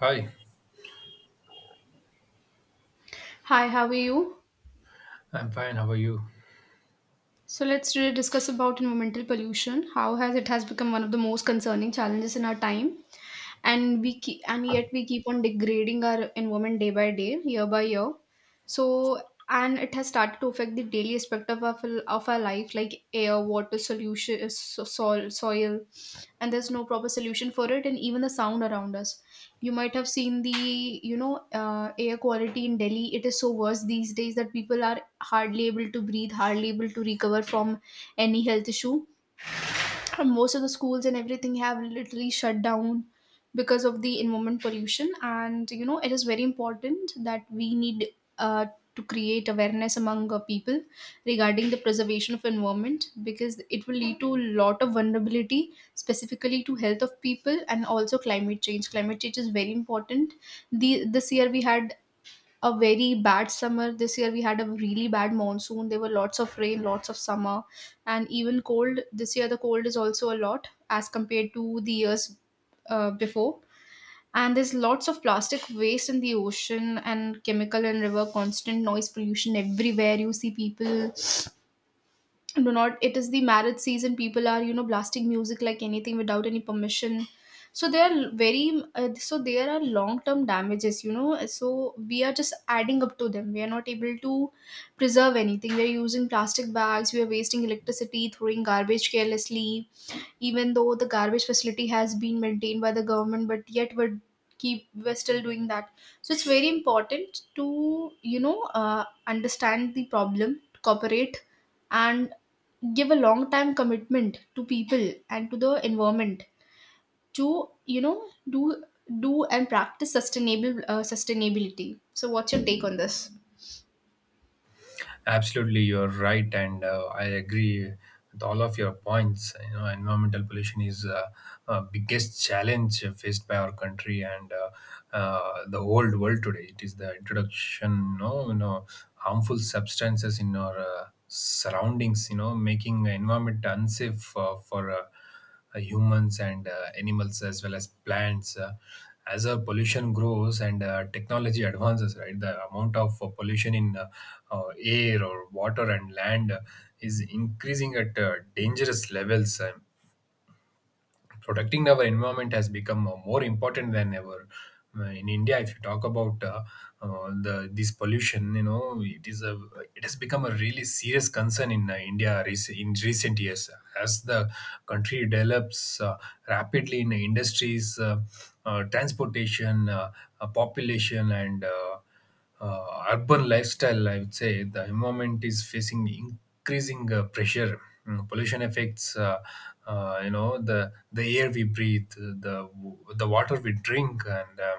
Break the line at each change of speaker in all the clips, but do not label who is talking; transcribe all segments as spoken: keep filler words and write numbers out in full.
Hi,
Hi, how are you?
I'm fine. How are you?
So let's today discuss about environmental pollution, how has it has become one of the most concerning challenges in our time. and we keep, and yet we keep on degrading our environment day by day, year by year. so and it has started to affect the daily aspect of our, of our life, like air, water, solution, uh, so- soil, soil And there's no proper solution for it, and even the sound around us. You might have seen the, you know uh, air quality in Delhi. It is so worse these days that people are hardly able to breathe, hardly able to recover from any health issue, and most of the schools and everything have literally shut down because of the environment pollution. And you know, it is very important that we need uh, to create awareness among our people regarding the preservation of environment, because it will lead to a lot of vulnerability, specifically to health of people, and also climate change climate change is very important. The this year we had a very bad summer. This year we had a really bad monsoon. There were lots of rain, lots of summer, and even cold. This year the cold is also a lot as compared to the years uh, before. And there's lots of plastic waste in the ocean and chemical and river, constant noise pollution everywhere. You see people do not, it is the marriage season, people are, you know blasting music like anything without any permission. So they are very, uh, so there are long term damages, you know, so we are just adding up to them. We are not able to preserve anything. We are using plastic bags, we are wasting electricity, throwing garbage carelessly. Even though the garbage facility has been maintained by the government, but yet we're keep we're still doing that. So it's very important to, you know, uh, understand the problem, cooperate, and give a long time commitment to people and to the environment, to, you know, do do and practice sustainable uh, sustainability. So what's your take on this?
Absolutely, you're right, and uh, I agree with all of your points. You know, environmental pollution is uh, uh, biggest challenge faced by our country and uh, uh, the whole world today. It is the introduction, you know, you know harmful substances in our uh, surroundings, you know, making the environment unsafe uh, for. Uh, uh, humans and uh, animals as well as plants. Uh, as uh, pollution grows and uh, technology advances, right, the amount of uh, pollution in uh, uh, air or water and land uh, is increasing at uh, dangerous levels. Um, protecting our environment has become uh, more important than ever. Uh, in india if you talk about uh, uh, the this pollution, you know, it is a it has become a really serious concern in uh, india rec- in recent years as the country develops uh, rapidly in industries, uh, uh, transportation, uh, uh, population, and uh, uh, urban lifestyle. I would say the environment is facing increasing uh, pressure. Mm, pollution affects, uh, uh, you know, the the air we breathe, uh, the the water we drink, and um,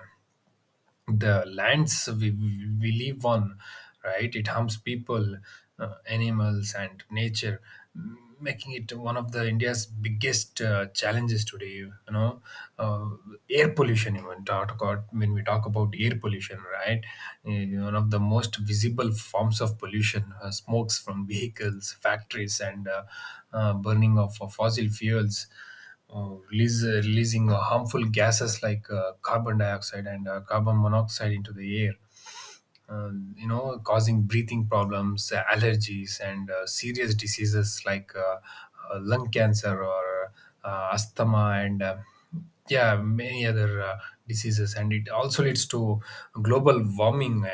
the lands we, we live on, right? It harms people, uh, animals, and nature, m- making it one of the India's biggest uh, challenges today. You know, uh, air pollution. Even talk about when we talk about air pollution, right? Uh, one of the most visible forms of pollution, uh, smokes from vehicles, factories, and uh, uh, burning of, of fossil fuels uh, release, uh, releasing uh, harmful gases like uh, carbon dioxide and uh, carbon monoxide into the air, uh, you know, causing breathing problems, uh, allergies, and uh, serious diseases like uh, uh, lung cancer or uh, asthma and uh, yeah, many other uh, diseases. And it also leads to global warming, uh,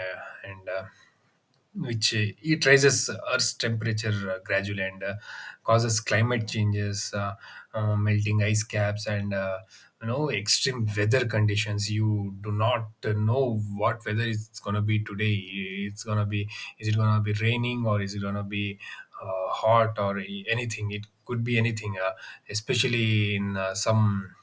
and uh, which uh, it raises Earth's temperature uh, gradually and uh, causes climate changes, uh, uh, melting ice caps, and, uh, you know, extreme weather conditions. You do not uh, know what weather it's gonna be today. It's gonna be Is it gonna be raining or is it gonna be uh, hot or anything? It could be anything, uh, especially in uh, some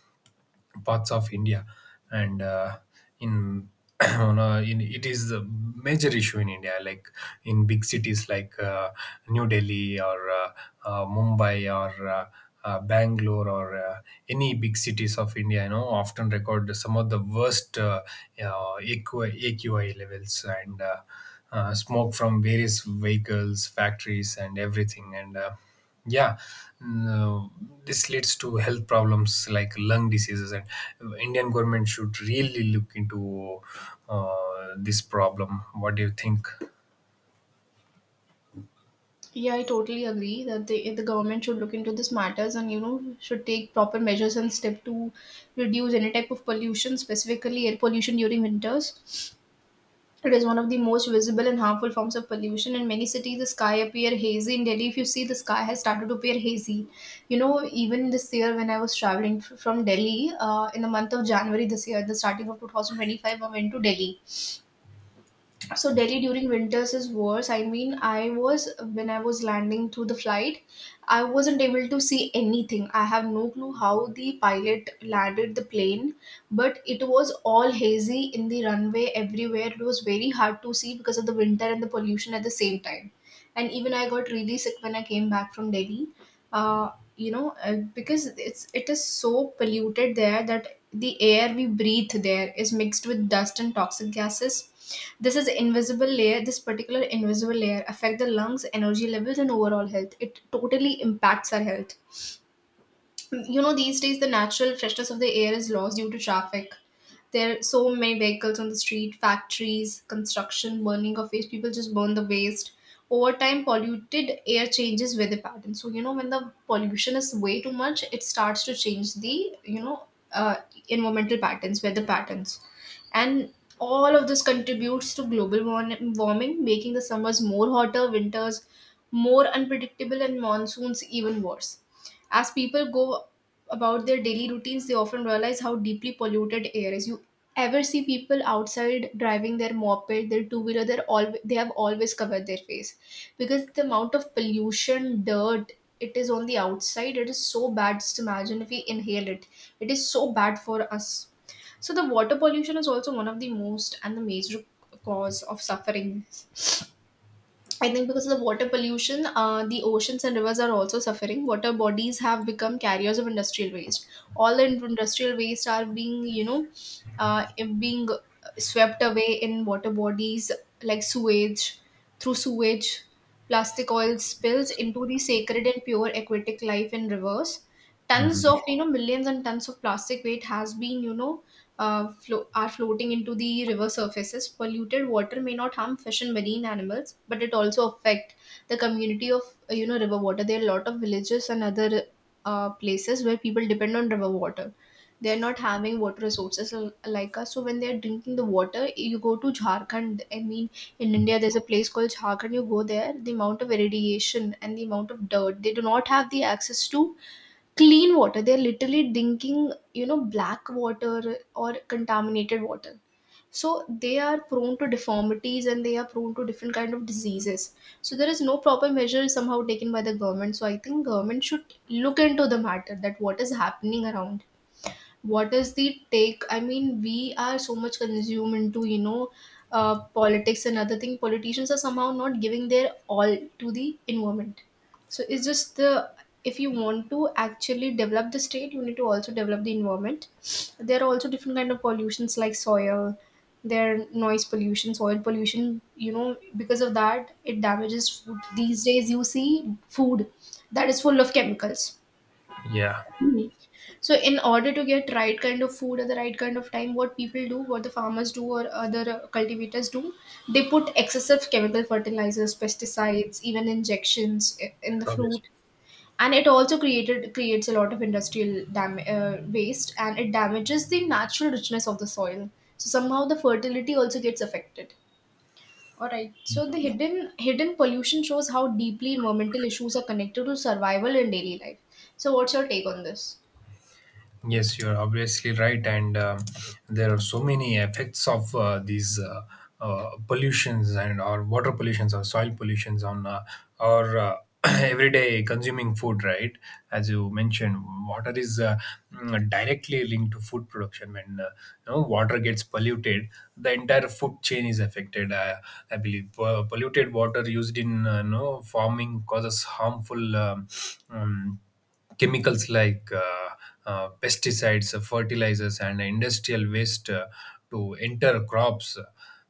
parts of India, and uh, in on a, in it is a major issue in India, like in big cities like uh, New Delhi or uh, uh, Mumbai or. Uh, uh, Bangalore or uh, any big cities of India, you know, often record some of the worst uh, uh, A Q I levels and uh, uh, smoke from various vehicles, factories, and everything. And uh, yeah, no, this leads to health problems like lung diseases, and Indian government should really look into uh, this problem. What do you think?
Yeah, I totally agree that the the government should look into these matters, and you know, should take proper measures and step to reduce any type of pollution, specifically air pollution during winters. It is one of the most visible and harmful forms of pollution. In many cities, the sky appear hazy. In Delhi, if you see, the sky has started to appear hazy. You know, even this year when I was traveling f- from Delhi, uh, in the month of January this year, the starting of twenty twenty-five, I went to Delhi. So Delhi during winters is worse. I mean, I was when I was landing through the flight, I wasn't able to see anything. I have no clue how the pilot landed the plane, but it was all hazy in the runway everywhere. It was very hard to see because of the winter and the pollution at the same time. And even I got really sick when I came back from Delhi. Uh, you know, uh, because it's it is so polluted there that the air we breathe there is mixed with dust and toxic gases. This is invisible layer, this particular invisible layer affect the lungs, energy levels and overall health. It totally impacts our health. You know, these days the natural freshness of the air is lost due to traffic. There are so many vehicles on the street, factories, construction, burning of waste. People just burn the waste. Over time, polluted air changes weather patterns. So you know, when the pollution is way too much, it starts to change the, you know uh, environmental patterns, weather patterns. And all of this contributes to global warn- warming, making the summers more hotter, winters more unpredictable, and monsoons even worse. As people go about their daily routines, they often realize how deeply polluted air is. You ever see people outside driving their moped, their two wheeler, they're all they have always covered their face because the amount of pollution, dirt, it is on the outside. It is so bad. Just imagine if we inhale it. It is so bad for us. So the water pollution is also one of the most and the major cause of suffering, I think. Because of the water pollution, uh, the oceans and rivers are also suffering. Water bodies have become carriers of industrial waste. All the in- industrial waste are being, you know, uh, being swept away in water bodies like sewage, through sewage, plastic oil spills into the sacred and pure aquatic life in rivers. Tons
Mhm.
of, you know, millions and tons of plastic weight has been, you know, uh, flo- are floating into the river surfaces. Polluted water may not harm fish and marine animals, but it also affect the community of, uh, you know, river water. There are a lot of villages and other uh, places where people depend on river water. They are not having water resources l- like us. So when they are drinking the water, you go to Jharkhand. I mean, in India, there's a place called Jharkhand. You go there, the amount of irradiation and the amount of dirt. They do not have the access to clean water. They're literally drinking, you know, black water or contaminated water. So they are prone to deformities, and they are prone to different kind of diseases. So there is no proper measure somehow taken by the government. So I think government should look into the matter, that what is happening around, what is the take. I mean, we are so much consumed into, you know, uh, politics and other thing. Politicians are somehow not giving their all to the environment. So it's just the, if you want to actually develop the state, you need to also develop the environment. There are also different kind of pollutions like soil. There are noise pollution, soil pollution, you know. Because of that, it damages food. These days you see food that is full of chemicals.
Yeah.
Mhm. So, in order to get right kind of food at the right kind of time, what people do, what the farmers do, or other uh, cultivators do, they put excessive chemical fertilizers, pesticides, even injections i- in the
Obviously.
fruit, and it also created creates a lot of industrial dam- uh, waste, and it damages the natural richness of the soil. So somehow the fertility also gets affected. All right. So the hidden hidden pollution shows how deeply environmental issues are connected to survival in daily life. So, what's your take on this?
Yes, you're obviously right, and um, there are so many effects of uh, these uh, uh, pollutions, and or water pollutions or soil pollutions on uh, our uh, everyday consuming food. Right, as you mentioned, water is uh, mm, directly linked to food production. When uh, you know, water gets polluted, the entire food chain is affected. Uh, I believe Po- polluted water used in uh, you know, farming causes harmful, Um, um, chemicals like uh, uh, pesticides, uh, fertilizers, and industrial waste uh, to enter crops,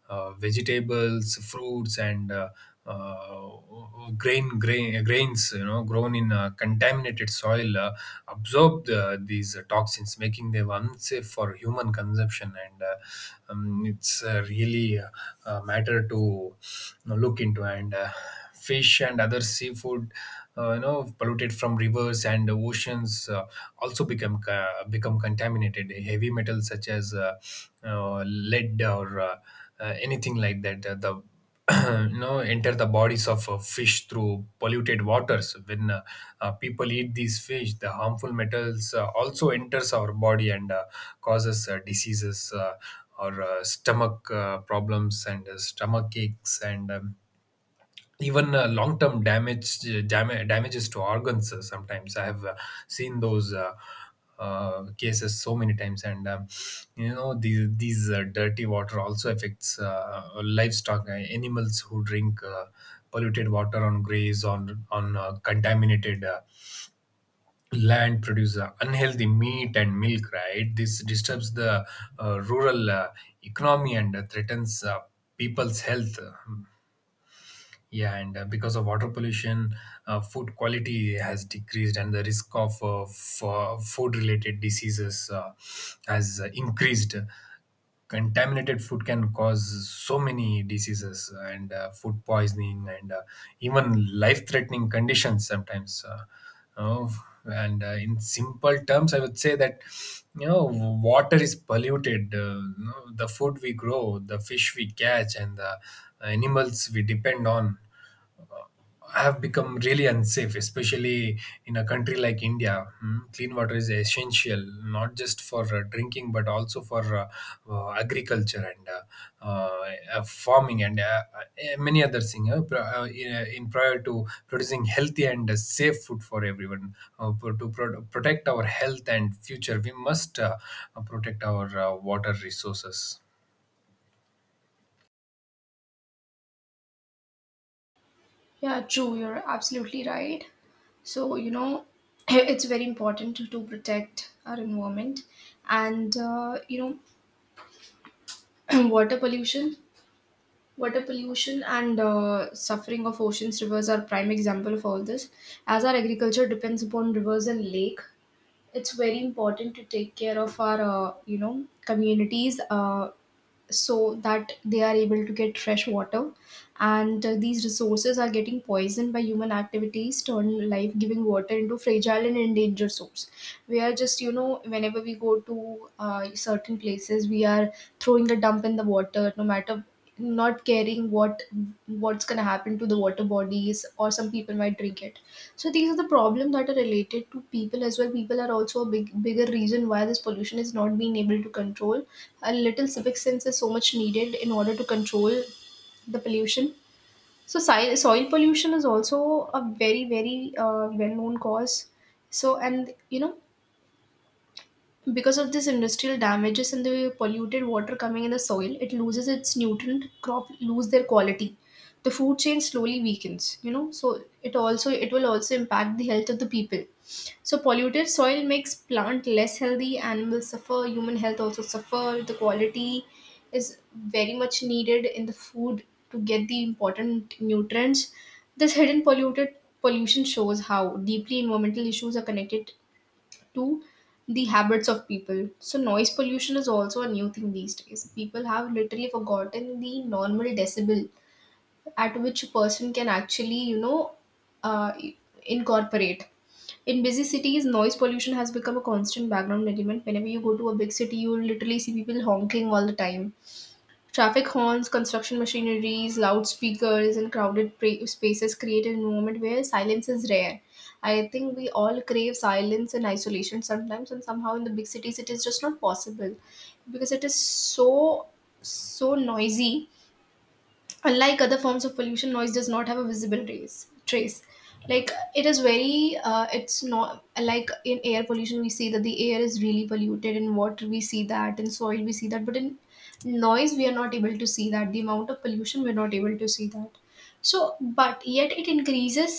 uh, vegetables, fruits, and uh, uh, grain, grain grains. You know, grown in uh, contaminated soil, uh, absorb uh, these toxins, making them unsafe for human consumption. And uh, um, it's uh, really uh, a matter to, you know, look into. And. Uh, fish and other seafood uh, you know, polluted from rivers and oceans uh, also become uh, become contaminated. Heavy metals such as uh, uh, lead or uh, uh, anything like that, uh, the you know, enter the bodies of uh, fish through polluted waters. When uh, uh, people eat these fish, the harmful metals uh, also enters our body and uh, causes uh, diseases uh, or uh, stomach uh, problems and uh, stomach aches and um, even uh, long-term damage dam- damages to organs. Uh, sometimes I have uh, seen those uh, uh, cases so many times. And um, you know, these, these uh, dirty water also affects uh, livestock, uh, animals who drink uh, polluted water on graze on on uh, contaminated uh, land, produce uh, unhealthy meat and milk, right? This disturbs the uh, rural uh, economy and uh, threatens uh, people's health. Yeah, and uh, because of water pollution, uh, food quality has decreased, and the risk of uh, f- uh, food-related diseases uh, has uh, increased. Contaminated food can cause so many diseases and uh, food poisoning and uh, even life threatening conditions sometimes. Uh, you And uh, in simple terms, I would say that, you know, water is polluted, uh, you know, the food we grow, the fish we catch, and the uh, animals we depend on have become really unsafe, especially in a country like India. Mm, Clean water is essential, not just for uh, drinking, but also for uh, uh, agriculture and uh, uh, uh, farming and uh, uh, many other things. Uh, pri- uh, in, uh, in prior to producing healthy and uh, safe food for everyone, uh, pro- to pro- protect our health and future, we must uh, protect our uh, water resources.
Yeah, true. You're absolutely right. So, you know, it's very important to, to protect our environment and, uh, you know, water pollution. Water pollution and uh, suffering of oceans, rivers are prime example of all this. As our agriculture depends upon rivers and lake, it's very important to take care of our, uh, you know, communities. Uh, so that they are able to get fresh water, and uh, these resources are getting poisoned by human activities, turn life giving water into fragile and endangered source. We are just, you know, whenever we go to uh, certain places, we are throwing a dump in the water, no matter, not caring what what's going to happen to the water bodies, or some people might drink it. So these are the problems that are related to people as well. People are also a big bigger reason why this pollution is not being able to control. A little civic sense is so much needed in order to control the pollution. So soil, soil pollution is also a very very uh, well known cause. So, and you know, because of this industrial damages and the polluted water coming in the soil, it loses its nutrient, crop lose their quality. The food chain slowly weakens, you know, so it also it will also impact the health of the people. So polluted soil makes plant less healthy, animals suffer, human health also suffer. The quality is very much needed in the food to get the important nutrients. This hidden polluted pollution shows how deeply environmental issues are connected to the habits of people. So noise pollution is also a new thing these days. People have literally forgotten the normal decibel at which a person can actually, you know, uh, incorporate. In busy cities, noise pollution has become a constant background element. Whenever you go to a big city, you will literally see people honking all the time. Traffic horns, construction machineries, loudspeakers, and crowded pra- spaces create an environment where silence is rare. I think we all crave silence and isolation sometimes, and somehow in the big cities it is just not possible because it is so so noisy. Unlike other forms of pollution, noise does not have a visible trace trace Like it is very uh, it's not like in air pollution we see that the air is really polluted, in water we see that, in soil we see that, but in noise we are not able to see that, the amount of pollution we're not able to see that. So but yet it increases.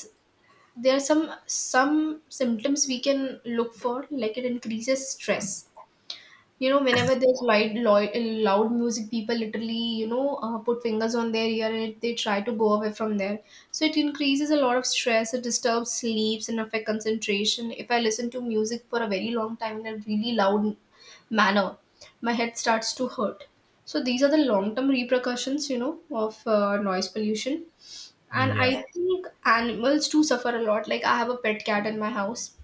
There are some some symptoms we can look for, like it increases stress, you know, whenever there's light, loud, loud music. People literally, you know, uh, put fingers on their ear and it, they try to go away from there. So it increases a lot of stress, it disturbs sleeps and affect concentration. If I listen to music for a very long time in a really loud manner, my head starts to hurt. So these are the long-term repercussions, you know, of uh, noise pollution. And
Yeah.
I think animals too suffer a lot. Like I have a pet cat in my house.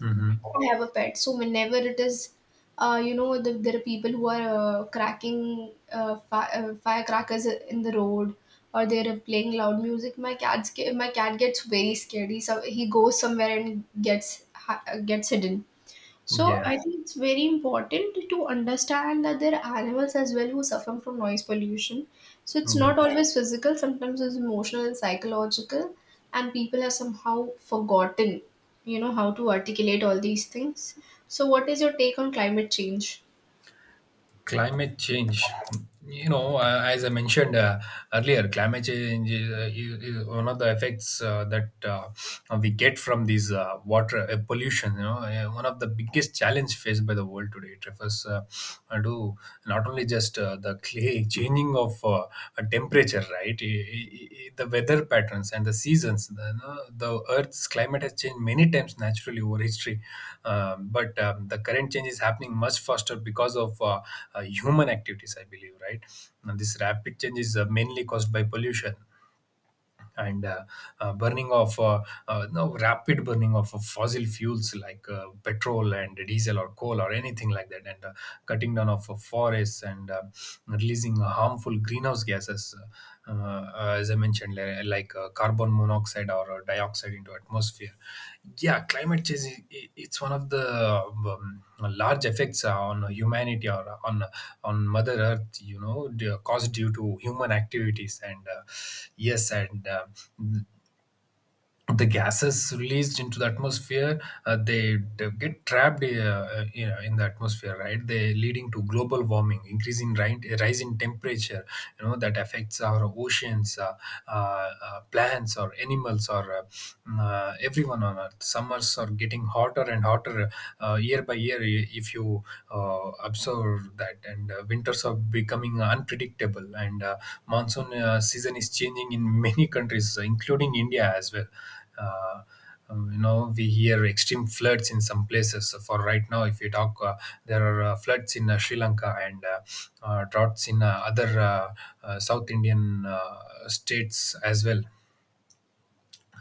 Hmm.
I have a pet. So whenever it is, uh, you know, the, there are people who are uh, cracking uh, fi- uh, firecrackers in the road, or they are playing loud music. My cat's ge- my cat gets very scared. He so he goes somewhere and gets hi- uh, gets hidden. So
Yeah.
I think it's very important to understand that there are animals as well who suffer from noise pollution. So it's
Yeah.
not always physical, sometimes it's emotional and psychological, and people have somehow forgotten, you know, how to articulate all these things. So what is your take on climate change?
Climate change, you know, uh, as I mentioned uh, earlier, climate change is, uh, is one of the effects uh, that uh, uh, we get from these uh, water uh, pollution. You know, uh, one of the biggest challenge faced by the world today. It refers uh, uh, to not only just uh, the clay changing of uh, uh, temperature, right? I- I- I- the weather patterns and the seasons. The, you know, the Earth's climate has changed many times naturally over history, um, but um, the current change is happening much faster because of uh, uh, human activities, I believe, right? Now, this rapid change is uh, mainly caused by pollution and uh, uh, burning of uh, uh, no rapid burning of uh, fossil fuels like uh, petrol and diesel or coal or anything like that, and uh, cutting down of uh, forests and uh, releasing harmful greenhouse gases. Uh, uh, as I mentioned, li- like uh, carbon monoxide or uh, dioxide into atmosphere. Yeah, climate change, i- i- it's one of the um, um, large effects uh, on humanity or uh, on on mother earth, you know, d- caused due to human activities. And uh, yes, and uh, the gases released into the atmosphere, uh, they, they get trapped, uh, you know, in the atmosphere, right? They leading to global warming, increasing ri- rise in temperature, you know, that affects our oceans, uh, uh, uh, plants or animals or uh, mm, uh, everyone on earth. Summers are getting hotter and hotter uh, year by year, if you uh, observe observed that. And uh, winters are becoming unpredictable and uh, monsoon uh, season is changing in many countries including India as well. uh, um, you know, we hear extreme floods in some places. So for right now, if you talk, uh, there are uh, floods in uh, Sri Lanka and uh, uh, droughts in uh, other uh, uh, south Indian uh, states as well.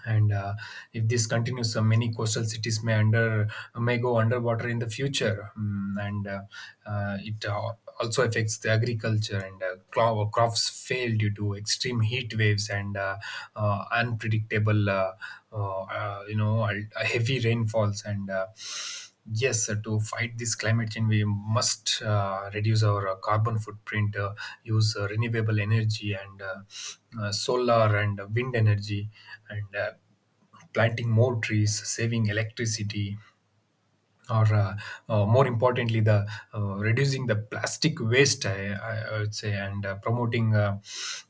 And uh, if this continues, uh, many coastal cities may under may go underwater in the future. Mm, and uh, uh, it uh, also affects the agriculture and uh, cro- crops fail due to extreme heat waves and uh, uh, unpredictable, uh, uh, uh, you know, al- heavy rainfalls. And uh, Yes, sir, to fight this climate change, we must uh, reduce our uh, carbon footprint, uh, use uh, renewable energy and uh, uh, solar and uh, wind energy, and uh, planting more trees, saving electricity, or uh, uh, more importantly, the uh, reducing the plastic waste, i, I I would say, and uh, promoting uh,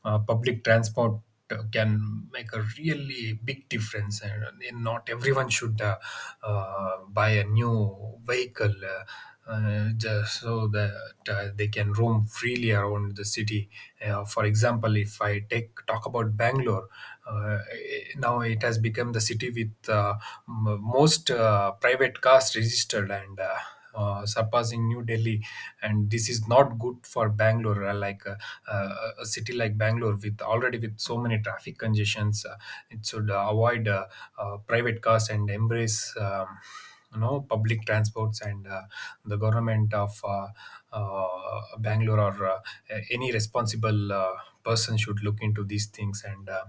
uh, public transport uh, can make a really big difference. And uh, not everyone should uh, uh, buy a new vehicle uh, uh, just so that uh, they can roam freely around the city. Uh, for example, if I take talk about Bangalore, uh, now it has become the city with uh, m- most uh, uh, private cars registered and uh, uh, surpassing New Delhi. And this is not good for Bangalore, uh, like uh, uh, a city like Bangalore with already with so many traffic congestions. Uh, it should uh, avoid uh, uh, private cars and embrace. Um, you know public transports and uh, the government of uh, uh, bangalore or uh, a- any responsible uh, person should look into these things and uh,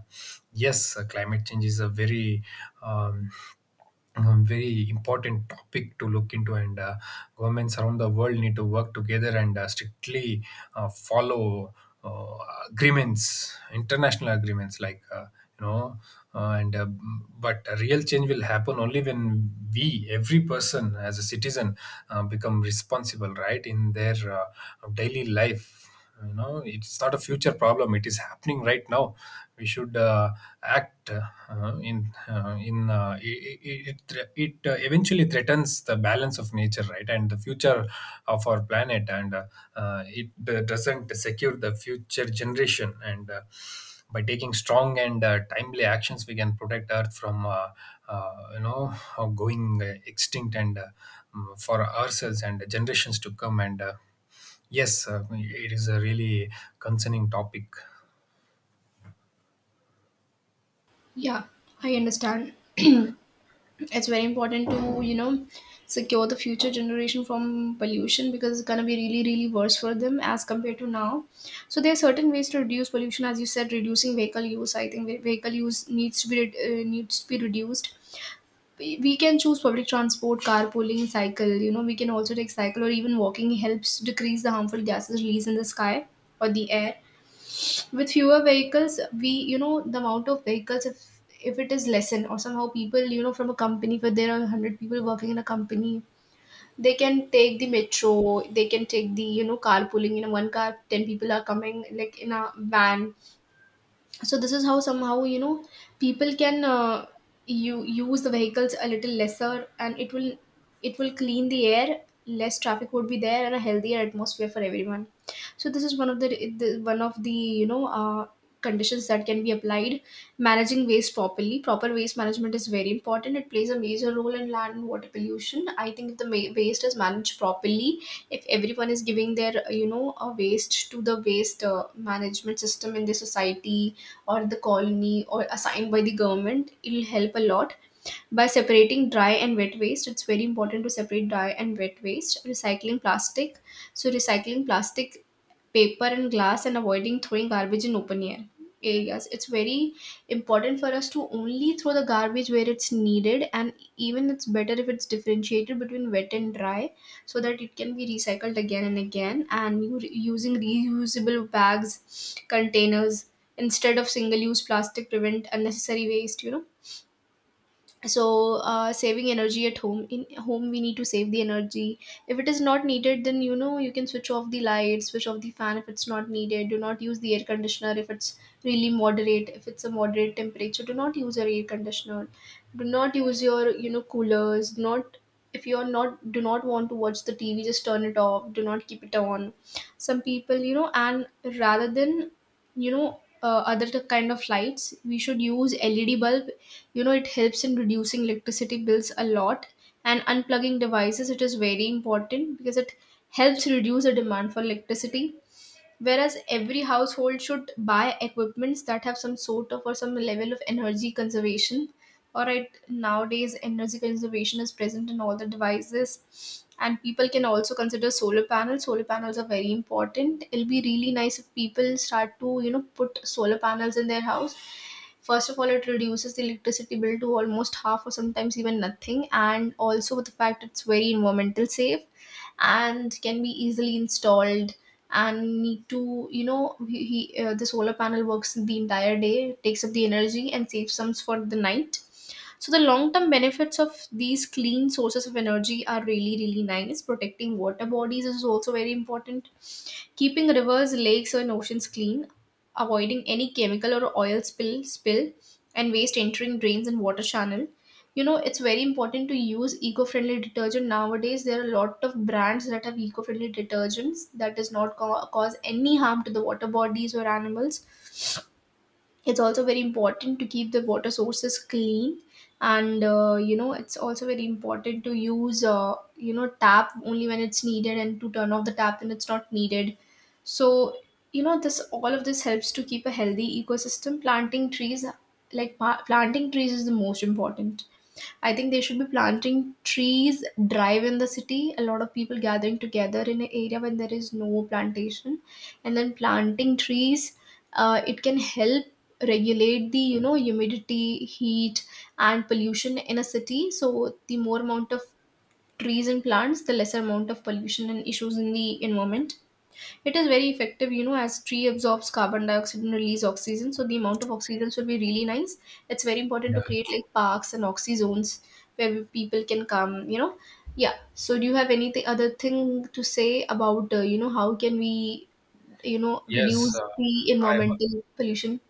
yes, uh, climate change is a very um, um, very important topic to look into, and uh, governments around the world need to work together and uh, strictly uh, follow uh, agreements, international agreements like uh, you know uh, and uh, but a real change will happen only when we, every person as a citizen, uh, become responsible right in their uh, daily life you know It's not a future problem, it is happening right now. We should uh, act uh, in uh, in uh, it it, it, it uh, eventually threatens the balance of nature, right, and the future of our planet, and uh, uh, it uh, doesn't secure the future generation. And uh, by taking strong and uh, timely actions, we can protect earth from uh, uh, you know uh, going uh, extinct, and uh, mm, for ourselves and the generations to come. And uh, yes, uh, it is a really concerning topic.
Yeah, I understand. It's very important to, you know, secure the future generation from pollution, because it's going to be really really worse for them as compared to now. So there are certain ways to reduce pollution. As you said, reducing vehicle use. I think ve- vehicle use needs to be re- uh, needs to be reduced. We we can choose public transport, carpooling, cycle, you know, we can also take cycle, or even walking helps decrease the harmful gases released in the sky or the air. With fewer vehicles, we, you know, the amount of vehicles, if if it is lessen or somehow people, you know, from a company where there are one hundred people working in a company, they can take the metro, they can take the, you know, carpooling, you know, one car, ten people are coming, like in a van. So this is how somehow, you know, people can uh, you use the vehicles a little lesser, and it will it will clean the air. Less traffic would be there, and a healthier atmosphere for everyone. So this is one of the, the one of the, you know, uh, conditions that can be applied. Managing waste properly, proper waste management is very important. It plays a major role in land and water pollution. I think if the ma- waste is managed properly, if everyone is giving their, you know, a waste to the waste uh, management system in the society or the colony, or assigned by the government, it'll help a lot. By separating dry and wet waste, it's very important to separate dry and wet waste. Recycling plastic, so recycling plastic, paper and glass, and avoiding throwing garbage in open air areas. It's very important for us to only throw the garbage where it's needed, and even it's better if it's differentiated between wet and dry, so that it can be recycled again and again. And you re- using reusable bags, containers, instead of single use plastic, prevent unnecessary waste, you know. So uh, saving energy at home, in home we need to save the energy. If it is not needed, then you know, you can switch off the lights, switch off the fan if it's not needed. Do not use the air conditioner if it's really moderate, if it's a moderate temperature, do not use your air conditioner. Do not use your, you know, coolers. Do not, if you're not, do not want to watch the TV, just turn it off, do not keep it on. Some people, you know, and rather than, you know, uh, other t- kind of lights, we should use LED bulb. You know, it helps in reducing electricity bills a lot. And unplugging devices, it is very important because it helps reduce the demand for electricity. Whereas every household should buy equipments that have some sort of or some level of energy conservation. All right, nowadays energy conservation is present in all the devices, and people can also consider solar panels. Solar panels are very important, it'll be really nice if people start to, you know, put solar panels in their house. First of all, it reduces the electricity bill to almost half or sometimes even nothing, and also with the fact it's very environmental safe and can be easily installed. And need to, you know, he, he uh, the solar panel works the entire day, takes up the energy and saves some for the night. So the long term benefits of these clean sources of energy are really really nice. Protecting water bodies is also very important. Keeping rivers, lakes, and oceans clean, avoiding any chemical or oil spill, spill and waste entering drains and water channel. You know, it's very important to use eco-friendly detergent nowadays. There are a lot of brands that have eco-friendly detergents that does not co- cause any harm to the water bodies or animals. It's also very important to keep the water sources clean. And uh, you know, it's also very important to use uh, you know, tap only when it's needed, and to turn off the tap when it's not needed. So, you know, this, all of this helps to keep a healthy ecosystem. Planting trees, like pa- planting trees is the most important. I think they should be planting trees, drive in the city, a lot of people gathering together in an area when there is no plantation, and then planting trees. Uh, it can help regulate the, you know, humidity, heat, and pollution in a city. So the more amount of trees and plants, the lesser amount of pollution and issues in the environment. It is very effective, you know, as tree absorbs carbon dioxide and release oxygen. So the amount of oxygen should be really nice. It's very important
Yeah.
to create like parks and oxy zones where we- people can come, you know. Yeah. So do you have anything other thing to say about, uh, you know, how can we, you know,
Yes,
reduce
uh,
the
I,
environmental pollution?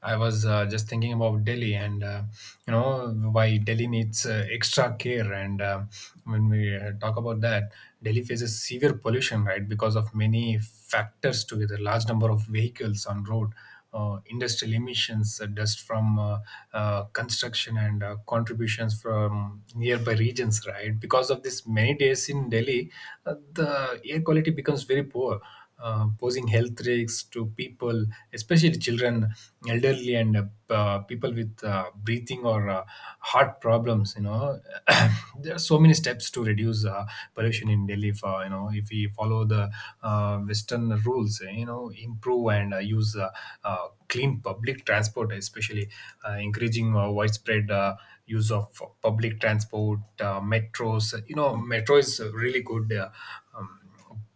I was uh, just thinking about Delhi, and uh, you know why Delhi needs uh, extra care. And uh, when we uh, talk about that, Delhi faces severe pollution, right, because of many factors together: large number of vehicles on road, uh, industrial emissions, uh, dust from uh, uh, construction, and uh, contributions from nearby regions, right? Because of this, many days in Delhi, uh, the air quality becomes very poor, uh, posing health risks to people, especially children, elderly, and uh, p- uh, people with uh, breathing or uh, heart problems. You know, there are so many steps to reduce uh, pollution in Delhi. If uh, you know, if we follow the uh, Western rules, eh, you know, improve and uh, use uh, uh, clean public transport, especially uh, encouraging uh, widespread. Uh, use of public transport, uh, metros. You know, metro is really good, uh, um,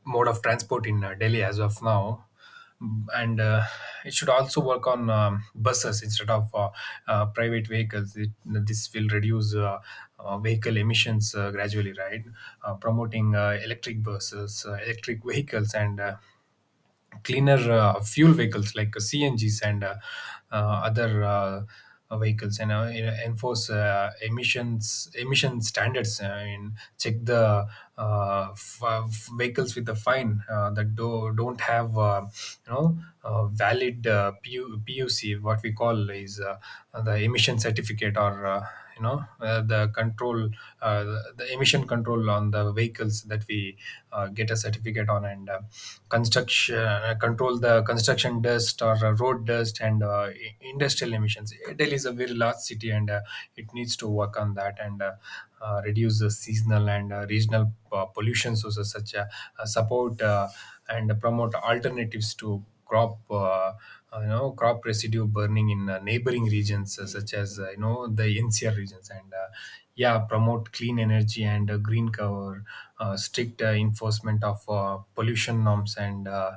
mode of transport in uh, Delhi as of now. Mm, And uh, it should also work on um, buses instead of uh, uh, private vehicles. It, this will reduce uh, uh, vehicle emissions uh, gradually, right? Uh, promoting uh, electric buses, uh, electric vehicles, and uh, cleaner uh, fuel vehicles like C N Gs, and uh, uh, other uh, uh, vehicles, and uh, you know, enforce uh, emissions emission standards, I mean, check the uh, f- uh, vehicles with a fine, uh, that do- don't have uh, you know uh, valid uh, P U- P U C, what we call is uh, the emission certificate certificate or uh, you know uh, the control, uh, the the emission control on the vehicles that we uh, get a certificate on. And uh, construction, uh, control the construction dust or uh, road dust and uh, i- industrial emissions. Delhi is a very large city, and uh, it needs to work on that, and uh, uh, reduce the seasonal and uh, regional uh, pollution. So so such a, uh support uh, and promote alternatives to crop uh, uh, you know crop residue burning in uh, neighboring regions, uh, such as uh, you know, the N C R regions. And uh, yeah, promote clean energy and uh, green cover, uh, strict uh, enforcement of uh, pollution norms, and uh,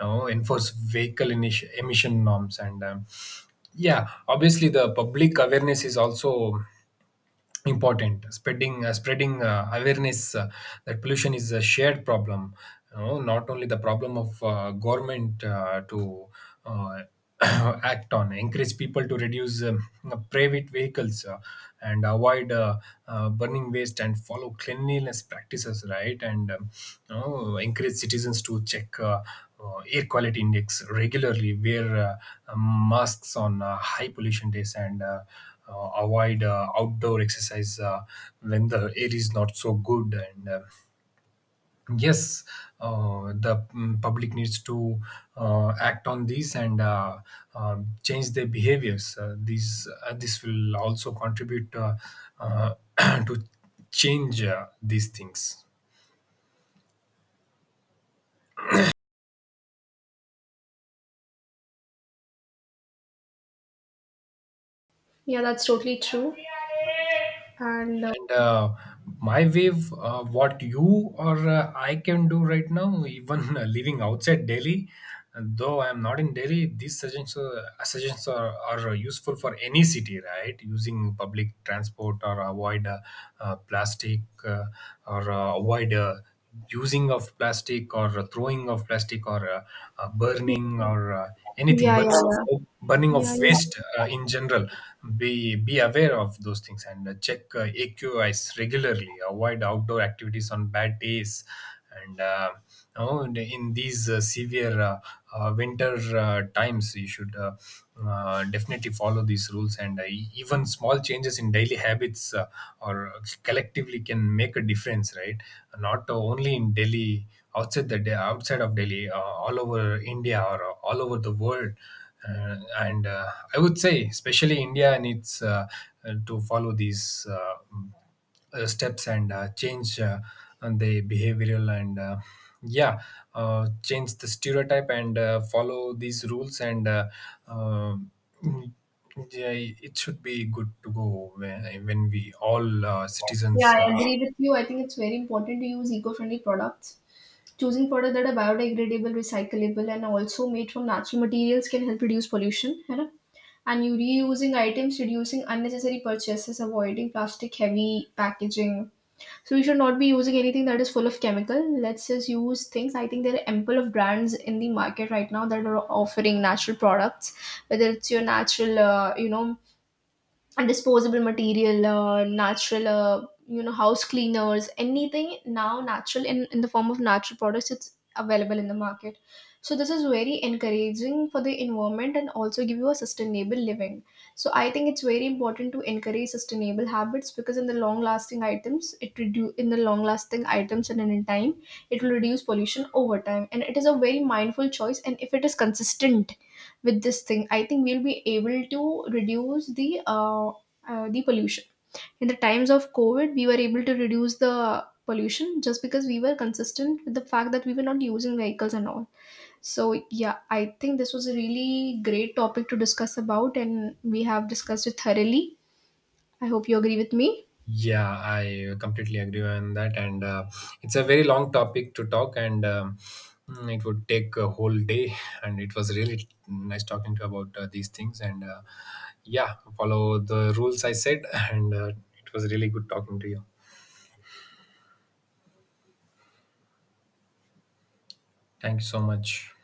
you know, enforce vehicle initi- emission norms. And um, yeah, obviously the public awareness is also important, spreading uh, spreading uh, awareness uh, that pollution is a shared problem, you know, not only the problem of uh, government uh, to uh, act on, encourage people to reduce um, private vehicles, uh, and avoid uh, uh, burning waste and follow cleanliness practices, right. And um, you know, encourage citizens to check uh, uh, air quality index regularly, wear uh, masks on uh, high pollution days, and uh, uh, avoid uh, outdoor exercise uh, when the air is not so good. And uh, yes, uh, the mm, public needs to uh, act on these, and uh, uh, change their behaviors. Uh, these uh, This will also contribute uh, uh, to change uh, these things.
Yeah, that's totally true. And uh,
And uh, my wave, uh, what you or uh, I can do right now, even uh, living outside Delhi, though I am not in Delhi, these suggestions, uh, suggestions are, are useful for any city, right? Using public transport or avoid uh, uh, plastic, uh, or uh, avoid uh, using of plastic, or uh, throwing of plastic, or uh, uh, burning, or uh, anything,
yeah,
burning
yeah, yeah,
of burning
yeah,
of
yeah.
waste uh, in general. Be be aware of those things, and uh, check uh, aqis regularly, avoid outdoor activities on bad days. And uh, oh, and in these uh, severe uh, uh, winter uh, times, you should uh, uh, definitely follow these rules. And uh, e- even small changes in daily habits uh, or collectively can make a difference, right? Not only in Delhi, outside the day, outside of Delhi, uh, all over India, or uh, all over the world. Uh, and uh, I would say, especially India, needs uh, uh, to follow these. Uh, uh, steps, and uh, change, uh, and the behavioral, and uh, yeah, uh, change the stereotype, and uh, follow these rules, and uh, uh, mm, yeah, it should be good to go when, when we all uh,
Yeah,
citizens uh,
I agree with you. I think it's very important to use eco-friendly products. Choosing products that are biodegradable, recyclable, and also made from natural materials can help reduce pollution. है ना? And you reusing items, reducing unnecessary purchases, avoiding plastic heavy packaging. So we should not be using anything that is full of chemical. Let's just use things. I think there are ample of brands in the market right now that are offering natural products, whether it's your natural, uh, you know, disposable material, uh, natural, uh, you know, house cleaners, anything now natural, in, in the form of natural products, it's available in the market. So this is very encouraging for the environment and also give you a sustainable living. So I think it's very important to encourage sustainable habits, because in the long lasting items it reduce, in the long lasting items and in time it will reduce pollution over time, and it is a very mindful choice, and if it is consistent with this thing, I think we'll be able to reduce the uh, uh, the pollution. In the times of COVID, we were able to reduce the pollution just because we were consistent with the fact that we were not using vehicles and all. So yeah, I think this was a really great topic to discuss about, and we have discussed it thoroughly. I hope you agree with me.
yeah, I completely agree on that, and uh, it's a very long topic to talk, and um, mm, it would take a whole day. And it was really nice talking to you about uh, these things, and uh, yeah, follow the rules I said, and uh, it was really good talking to you. Thank you so much.